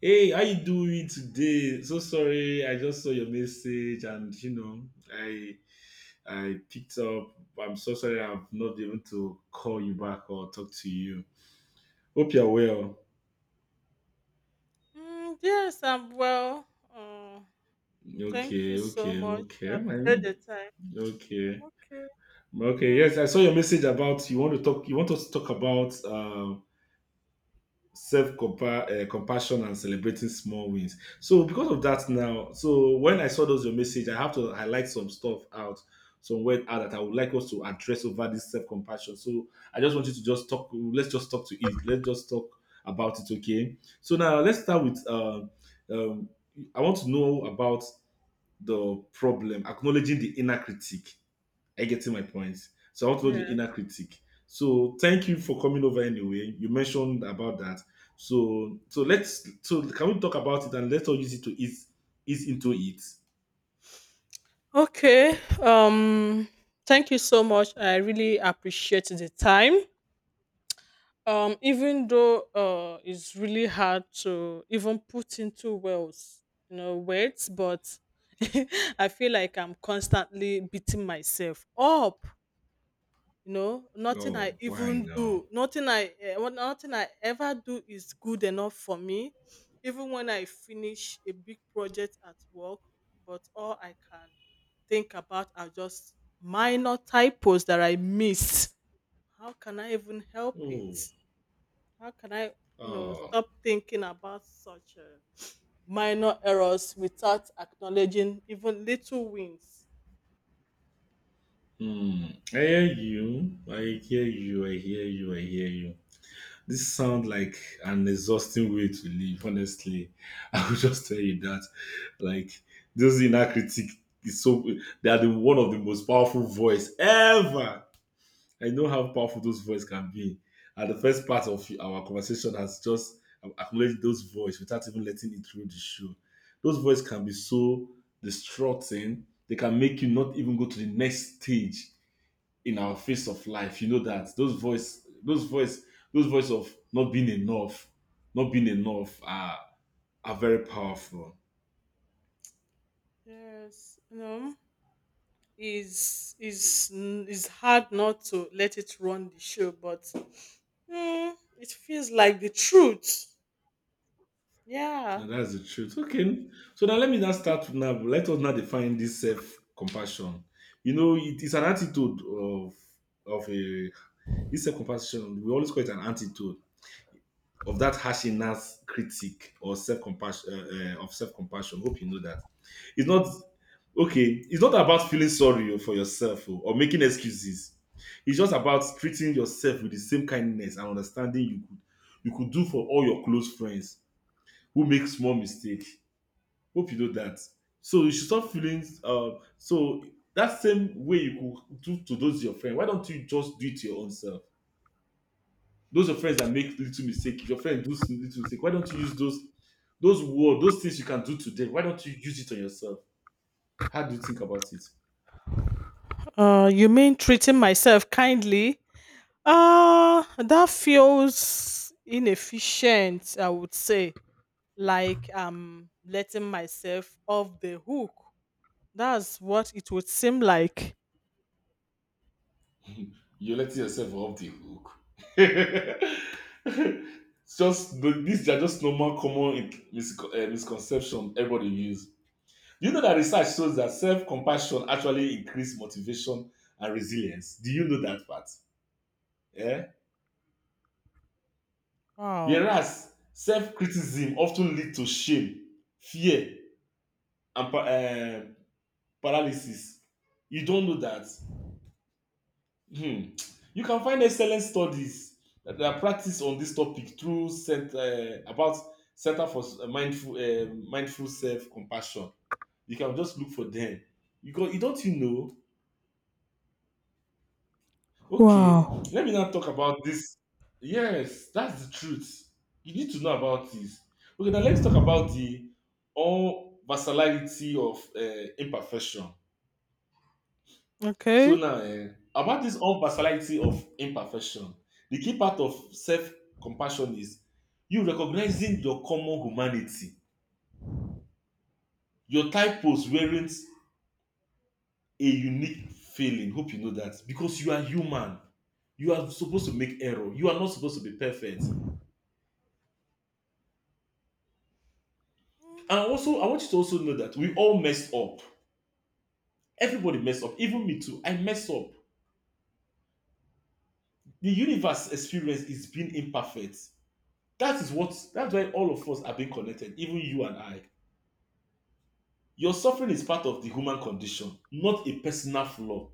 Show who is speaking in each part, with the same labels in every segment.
Speaker 1: Hey, how you doing today? So sorry, I just saw your message and I I picked up. I'm so sorry I've not been able to call you back or talk to you. Hope you're well.
Speaker 2: Mm, yes, I'm well. Uh, Thank you
Speaker 1: Okay,
Speaker 2: so
Speaker 1: okay,
Speaker 2: much.
Speaker 1: okay.
Speaker 2: I appreciate
Speaker 1: Mm.
Speaker 2: the time. I'm
Speaker 1: Okay.
Speaker 2: okay.
Speaker 1: Okay,
Speaker 2: Yeah.
Speaker 1: yes, I saw your message about you want us to talk about self compassion and celebrating small wins. So because of that now, so when I saw those your message, I have to highlight some stuff out, some word out that I would like us to address over this self compassion. So I just want you to just talk. Let's just talk to it. Let's just talk about it. Okay. So now let's start with. Um, I want to know about the problem acknowledging the inner critic. I get to my points. So I want to know the
Speaker 2: Yeah.
Speaker 1: inner critic. So thank you for coming over anyway. You mentioned about that. So can we talk about it, and let's all use it to ease into it.
Speaker 2: Okay. Thank you so much. I really appreciate the time. Even though it's really hard to even put into words, but I feel like I'm constantly beating myself up. You know, nothing I
Speaker 1: Oh, why
Speaker 2: even do,
Speaker 1: now?
Speaker 2: nothing I ever do is good enough for me. Even when I finish a big project at work, but all I can think about are just minor typos that I missed. How can I even help
Speaker 1: Oh,
Speaker 2: it? How can I, you know,
Speaker 1: oh.
Speaker 2: Stop thinking about such minor errors without acknowledging even little wins?
Speaker 1: Hmm. I hear you. I hear you. I hear you. I hear you. This sounds like an exhausting way to live, honestly. I will just tell you that. Like, this inner critic is so, they are the one of the most powerful voice ever. I know how powerful those voices can be. And the first part of our conversation has just accumulated those voices without even letting it through the show. Those voices can be so distraughting, they can make you not even go to the next stage in our face of life. You know that those voice of not being enough are very powerful.
Speaker 2: Yes, you know. is is is hard not to let it run the show, but mm, it feels like the truth. Yeah.
Speaker 1: And that's the truth. Okay, so now let me now start now let us now define this self compassion. You know it is an attitude of a this self compassion we always call it an attitude of that harshness critique or self-compassion, of self-compassion. Hope you know that it's not okay. It's not about feeling sorry for yourself, oh, or making excuses. It's just about treating yourself with the same kindness and understanding you could do for all your close friends who make small mistakes. Hope you know that. So you should stop feeling, so that same way you could do to those your friends. Why don't you just do it to your own self? Those are friends that make little mistake. If your friend does little mistake, why don't you use those words, those things you can do to them? Why don't you use it on yourself? How do you think about it?
Speaker 2: You mean treating myself kindly? That feels inefficient. I would say, like I'm letting myself off the hook. That's what it would seem like.
Speaker 1: You're letting yourself off the hook. These are just normal, common, misconception everybody use. You know that research shows that self-compassion actually increase motivation and resilience. Do you know that part? Yeah.
Speaker 2: Wow.
Speaker 1: Whereas self-criticism often lead to shame, fear, and paralysis. You don't know that. Hmm. You can find excellent studies that are practiced on this topic through center, about center for mindful self compassion. You can just look for them. You go, you don't, you know. Okay,
Speaker 2: Wow.
Speaker 1: let me now talk about this. Yes, that's the truth. You need to know about this. Okay, now let's talk about the all versatility of imperfection. So
Speaker 2: Okay.
Speaker 1: now, about this own unversatility of imperfection, the key part of self-compassion is you recognizing your common humanity. Your typos weren't a unique failing. Hope you know that because you are human. You are supposed to make error. You are not supposed to be perfect. And also, I want you to also know that we all mess up. Everybody mess up. Even me too. I mess up. The universe experience is being imperfect. That is what. That's why all of us are being connected. Even you and I. Your suffering is part of the human condition, not a personal flaw.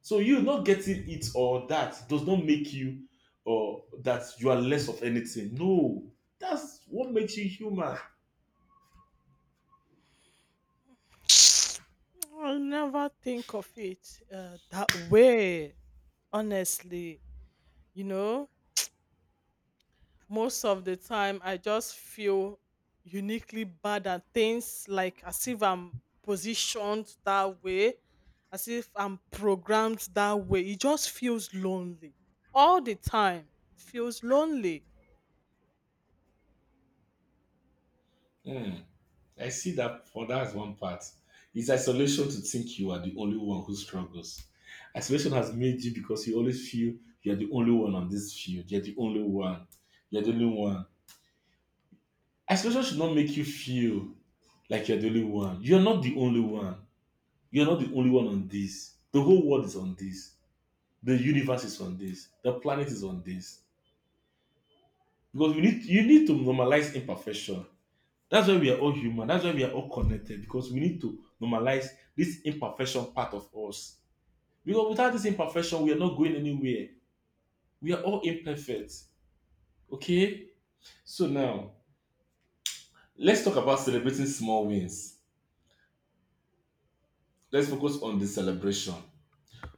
Speaker 1: So you not getting it or that does not make you or that you are less of anything. No, that's what makes you human.
Speaker 2: Mm. I never think of it that way. Honestly, you know, most of the time I just feel uniquely bad at things, like as if I'm positioned that way, as if I'm programmed that way. It just feels lonely all the time. It feels lonely.
Speaker 1: Hmm. I see that for that one part. It's isolation to think you are the only one who struggles. Isolation has made you because you always feel you are the only one on this field. You're the only one. You're the only one. Isolation should not make you feel like you're the only one. You're not the only one. You're not the only one on this. The whole world is on this. The universe is on this. The planet is on this. Because we need you need to normalize imperfection. That's why we are all human. That's why we are all connected. Because we need to normalize this imperfection part of us. Because without this imperfection, we are not going anywhere. We are all imperfect. Okay? So now let's talk about celebrating small wins. Let's focus on the celebration.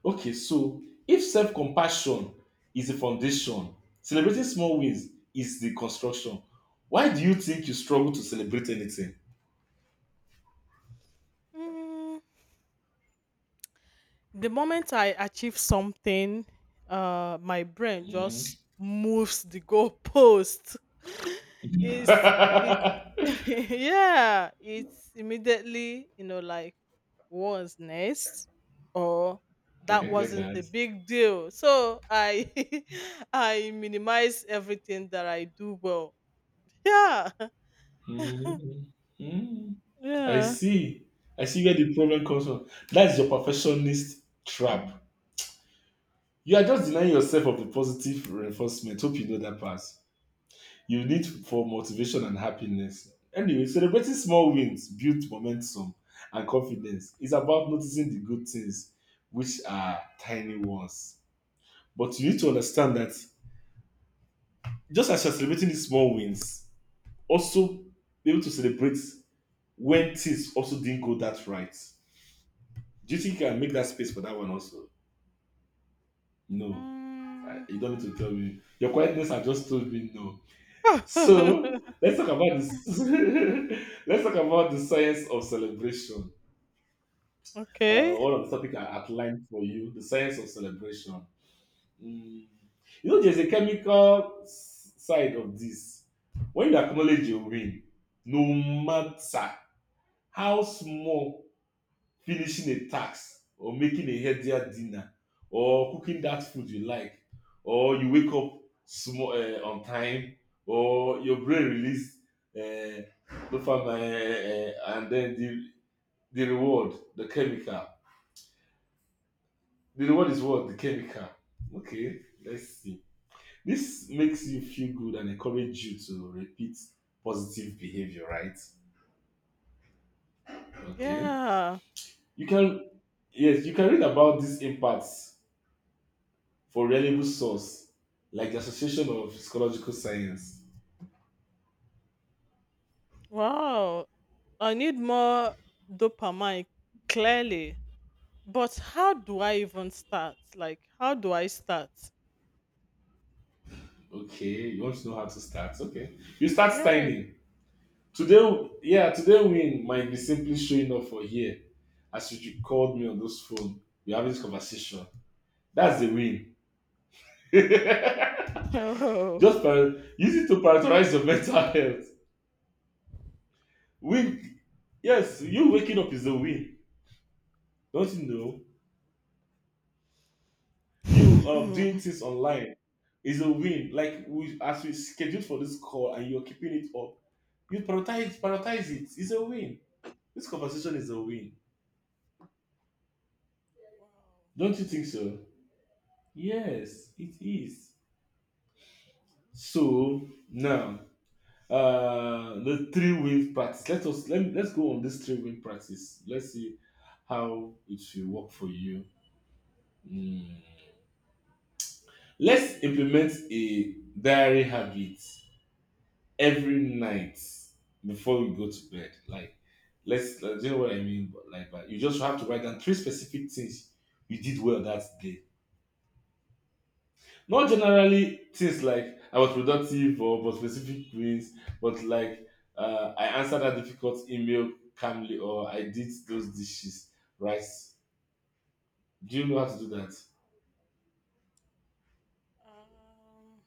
Speaker 1: Okay, so if self compassion is the foundation, celebrating small wins is the construction. Why do you think you struggle to celebrate anything?
Speaker 2: Hmm. The moment I achieve something, my brain
Speaker 1: Mm,
Speaker 2: just moves the goalpost. it's it's yeah, it's immediately, you know, like what was next, or
Speaker 1: I
Speaker 2: that
Speaker 1: can get
Speaker 2: wasn't
Speaker 1: that.
Speaker 2: a big deal. So I I minimize everything that I do well. Yeah,
Speaker 1: Mm, mm. I
Speaker 2: yeah.
Speaker 1: see. I see where the problem comes from. That's your perfectionist trap. You are just denying yourself of the positive reinforcement. Hope you know that part you need for motivation and happiness. Anyway, celebrating small wins builds momentum and confidence. It's about noticing the good things, which are tiny ones. But you need to understand that just as you're celebrating these small wins, also be able to celebrate when things also didn't go that right. Do you think you can make that space for that one also? No.
Speaker 2: Mm.
Speaker 1: You don't need to tell me. Your quietness has just told me no. So let's talk about this. Let's talk about the science of celebration. Uh,
Speaker 2: Okay.
Speaker 1: one of the topic I outlined for you, the science of celebration. Mm. You know, there's a chemical side of this. When you acknowledge a win, no matter how small, finishing a task or making a healthier dinner or cooking that food you like or you wake up small, on time, or your brain release, uh, dopamine, and then the reward, the chemical, the reward is what the chemical. Okay, let's see. This makes you feel good and encourage you to repeat positive behavior, right? Okay,
Speaker 2: Yeah.
Speaker 1: you can, yes, you can read about these impacts. For reliable source, like the Association of Psychological Science.
Speaker 2: Wow. I need more dopamine, clearly. But how do I even start? Like, how do I start?
Speaker 1: Okay, you want to know how to start? Okay, you start
Speaker 2: Yes.
Speaker 1: signing. Today win might be simply showing up for here. As you called me on this phone, we're having this conversation. That's the win.
Speaker 2: Oh.
Speaker 1: Just use it to prioritize your mental health. Win, yes, you waking up is a win. Don't you know? You, doing things online is a win. Like, as we scheduled for this call, and you're keeping it up. You prioritize it. It's a win. This conversation is a win.
Speaker 2: Wow.
Speaker 1: Don't you think so? Yes, it is. So now, the three win practice. Let's go on this three win practice. Let's see how it will work for you. Mm. Let's implement a diary habit every night before we go to bed. Like, let's, do you know what I mean? But you just have to write down three specific things you did well that day. Not generally things like I was productive or but specific wins, but like, I answered a difficult email calmly or I did those dishes right. Do you know how to do that?
Speaker 2: Um,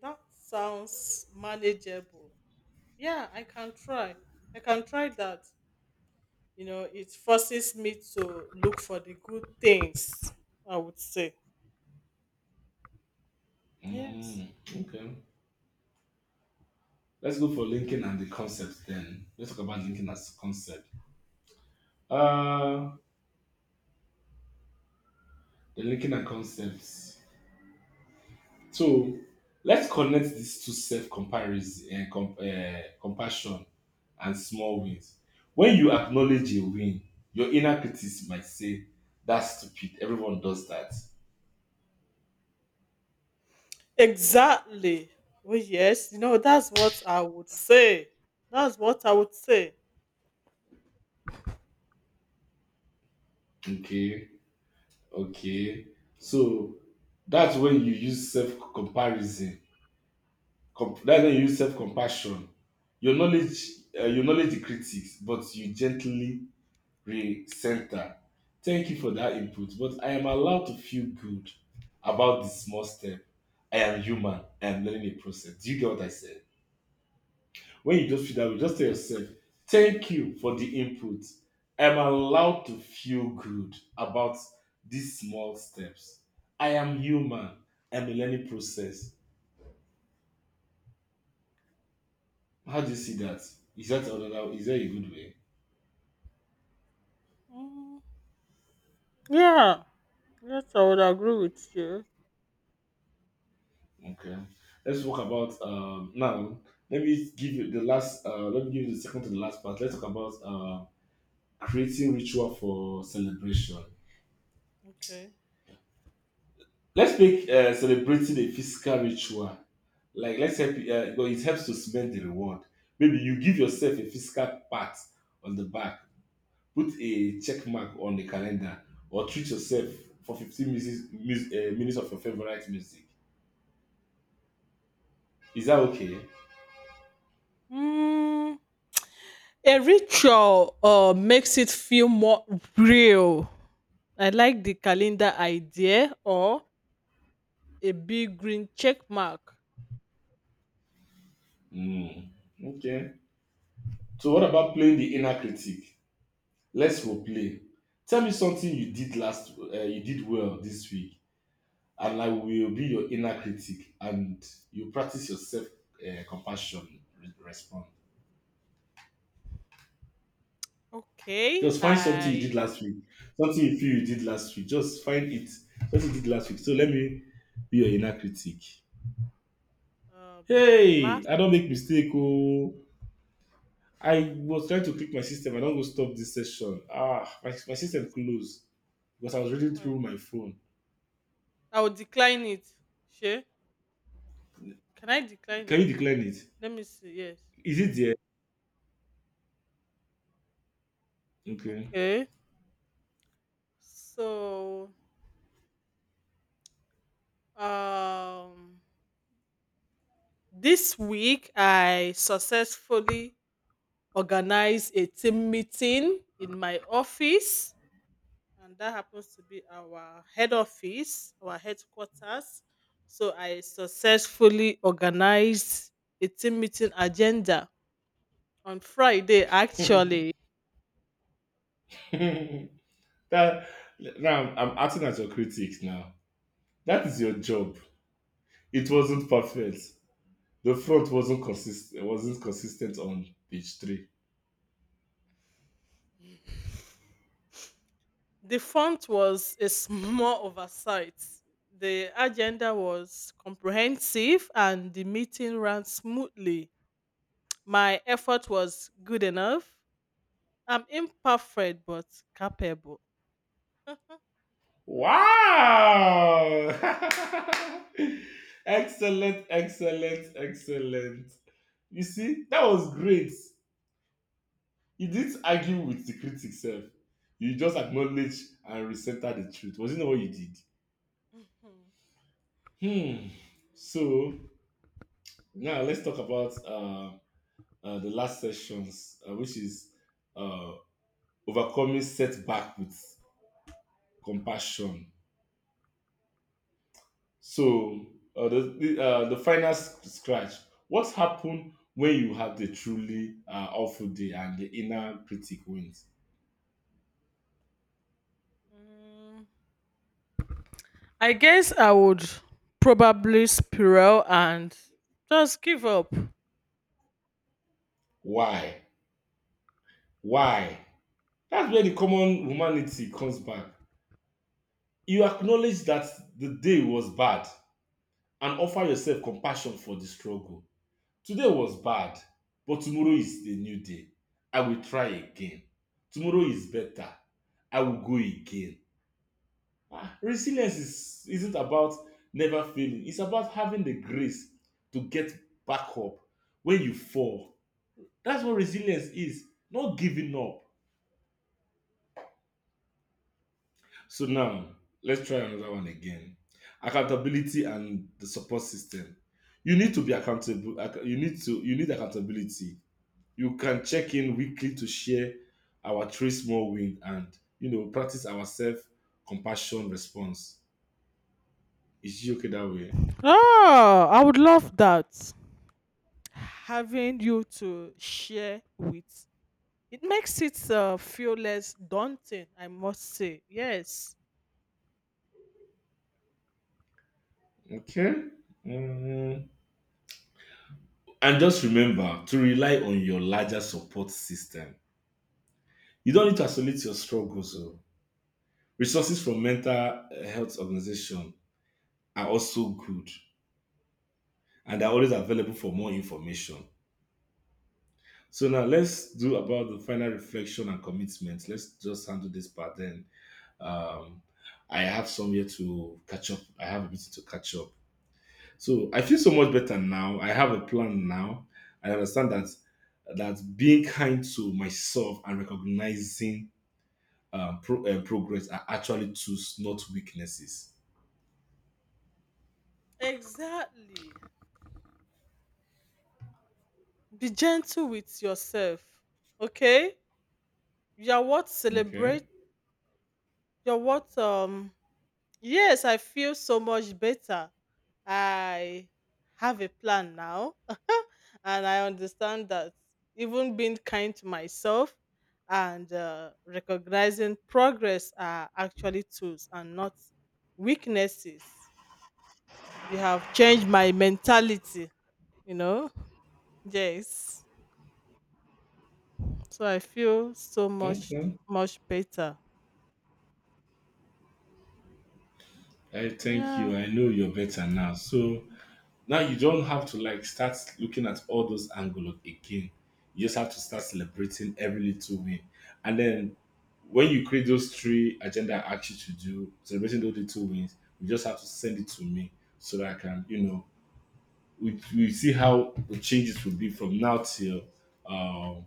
Speaker 2: that sounds manageable. Yeah, I can try. I can try that. You know, it forces me to look for the good things, I would say. Yes.
Speaker 1: Mm, okay. Let's go for linking and the concept then. Let's talk about linking as concept. Uh, the linking and concepts. So let's connect these two self comparison, compassion, and small wins. When you acknowledge a win, your inner critic might say, "That's stupid. Everyone does that."
Speaker 2: Exactly. Well, yes, you know, that's what I would say. That's what I would say.
Speaker 1: Okay, okay. So that's when you use self comparison. That's when you use self compassion. Your knowledge, you knowledge the critics, but you gently center. Thank you for that input, but I am allowed to feel good about the small step. I am human. I am learning a process. Do you get what I said? When you just feel that way, just tell yourself, thank you for the input. I am allowed to feel good about these small steps. I am human. I am a learning process. How do you see that? Is that another? Is that a good way?
Speaker 2: Mm, yeah, yes, I would agree with you.
Speaker 1: Okay. Let's talk about now. Let me give you the second to the last part. Let's talk about creating ritual for celebration.
Speaker 2: Okay.
Speaker 1: Let's make, celebrating a physical ritual. Like let's help you, because it helps to cement the reward. Maybe you give yourself a physical pat on the back, put a check mark on the calendar, or treat yourself for 15 minutes, minutes of your favorite music. Is that okay?
Speaker 2: Mm, a ritual makes it feel more real. I like the calendar idea, or a big green check mark.
Speaker 1: Mm. Okay. So what about playing the inner critic? Let's role play. Tell me something you did last you did well this week, and I will be your inner critic, and you practice your self compassion response.
Speaker 2: Okay,
Speaker 1: Just find something you did
Speaker 2: I
Speaker 1: last week, something you feel you did last week. Just find it, something you did last week. So let me be your inner critic. Hey,
Speaker 2: last
Speaker 1: I don't make mistake. Oh, I was trying to click my system. I don't go stop this session. Ah, my system
Speaker 2: this
Speaker 1: closed because I was reading
Speaker 2: my
Speaker 1: through my phone.
Speaker 2: I will decline it. Sure. Can I decline
Speaker 1: Can you
Speaker 2: it?
Speaker 1: decline it?
Speaker 2: Let me see. Yes.
Speaker 1: Is it there? Okay.
Speaker 2: Okay. So, um, this week I successfully organized a team meeting in my office, and that happens to be our head office, our headquarters. So, I successfully organized a team meeting agenda on Friday, actually.
Speaker 1: That now I'm acting as your critic now. That is your job. It wasn't perfect. The front wasn't consistent. Wasn't consistent on page three.
Speaker 2: The font was a small oversight. The agenda was comprehensive and the meeting ran smoothly. My effort was good enough. I'm imperfect but capable.
Speaker 1: Wow! Excellent, excellent, excellent. You see, that was great. You didn't argue with the critic self. You just acknowledged and resented the truth. Was it not what you did? Hmm. So now let's talk about the last sessions, which is uh, overcoming setback with compassion. So the the final scratch. What happened when you had the truly awful day and the inner critic wins?
Speaker 2: Mm, I guess I would probably spiral and just give up.
Speaker 1: Why? Why? That's where the common humanity comes back. You acknowledge that the day was bad and offer yourself compassion for the struggle. Today was bad, but tomorrow is a new day. I will try again. Tomorrow is better. I will go again. Ah, resilience isn't about never failing, it's about having the grace to get back up when you fall. That's what resilience is, not giving up. So now, let's try another one again. Accountability and the support system. You need to be accountable. You need to you need accountability. You can check in weekly to share our three small wins and, you know, practice our self compassion response. Is it okay that way?
Speaker 2: Oh, I would love that. Having you to share with, it makes it feel less daunting, I must say. Yes.
Speaker 1: Okay. Mm. And just remember to rely on your larger support system. You don't need to isolate your struggles. Oh. Resources from mental health organization are also good and are always available for more information. So now let's do about the final reflection and commitment. Let's just handle this part then. Um, I have somewhere to catch up. I have a meeting to catch up. So I feel so much better now. I have a plan now. I understand that that being kind to myself and recognizing progress are actually tools, not weaknesses.
Speaker 2: Exactly. Be gentle with yourself. Okay? You're what celebrate
Speaker 1: Okay.
Speaker 2: you're what Yes, I feel so much better. I have a plan now, and I understand that even being kind to myself and recognizing progress are actually tools and not weaknesses. You have changed my mentality, you know? Yes. So I feel so much,
Speaker 1: Okay.
Speaker 2: much better.
Speaker 1: I thank
Speaker 2: Yeah,
Speaker 1: you. I know you're better now. So now you don't have to like start looking at all those angles again. You just have to start celebrating every little win. And then when you create those three agenda I asked you to do, celebrating those little wins, you just have to send it to me so that I can, you know, we see how the changes will be from now till um,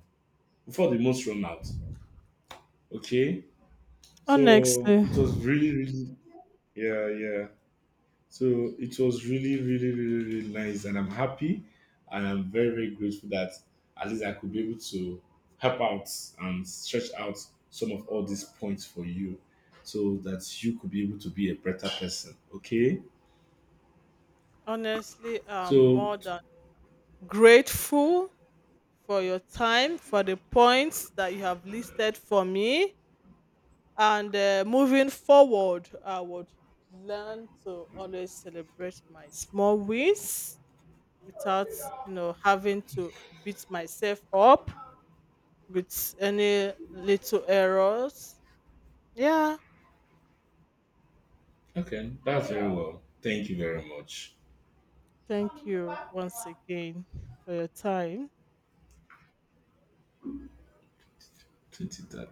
Speaker 1: before the most run out. Okay. So
Speaker 2: honestly.
Speaker 1: it was yeah, yeah. So it was really, really, really, really nice, and I'm happy, and I'm very, very grateful that at least I could be able to help out and stretch out some of all these points for you, so that you could be able to be a better person. Okay.
Speaker 2: Honestly, I'm
Speaker 1: So
Speaker 2: more than grateful for your time, for the points that you have listed for me. And moving forward, I would learn to always celebrate my small wins without, you know, having to beat myself up with any little errors. Yeah.
Speaker 1: okay, that's very well. Thank you very much.
Speaker 2: Thank you once again for your time.
Speaker 1: 2013.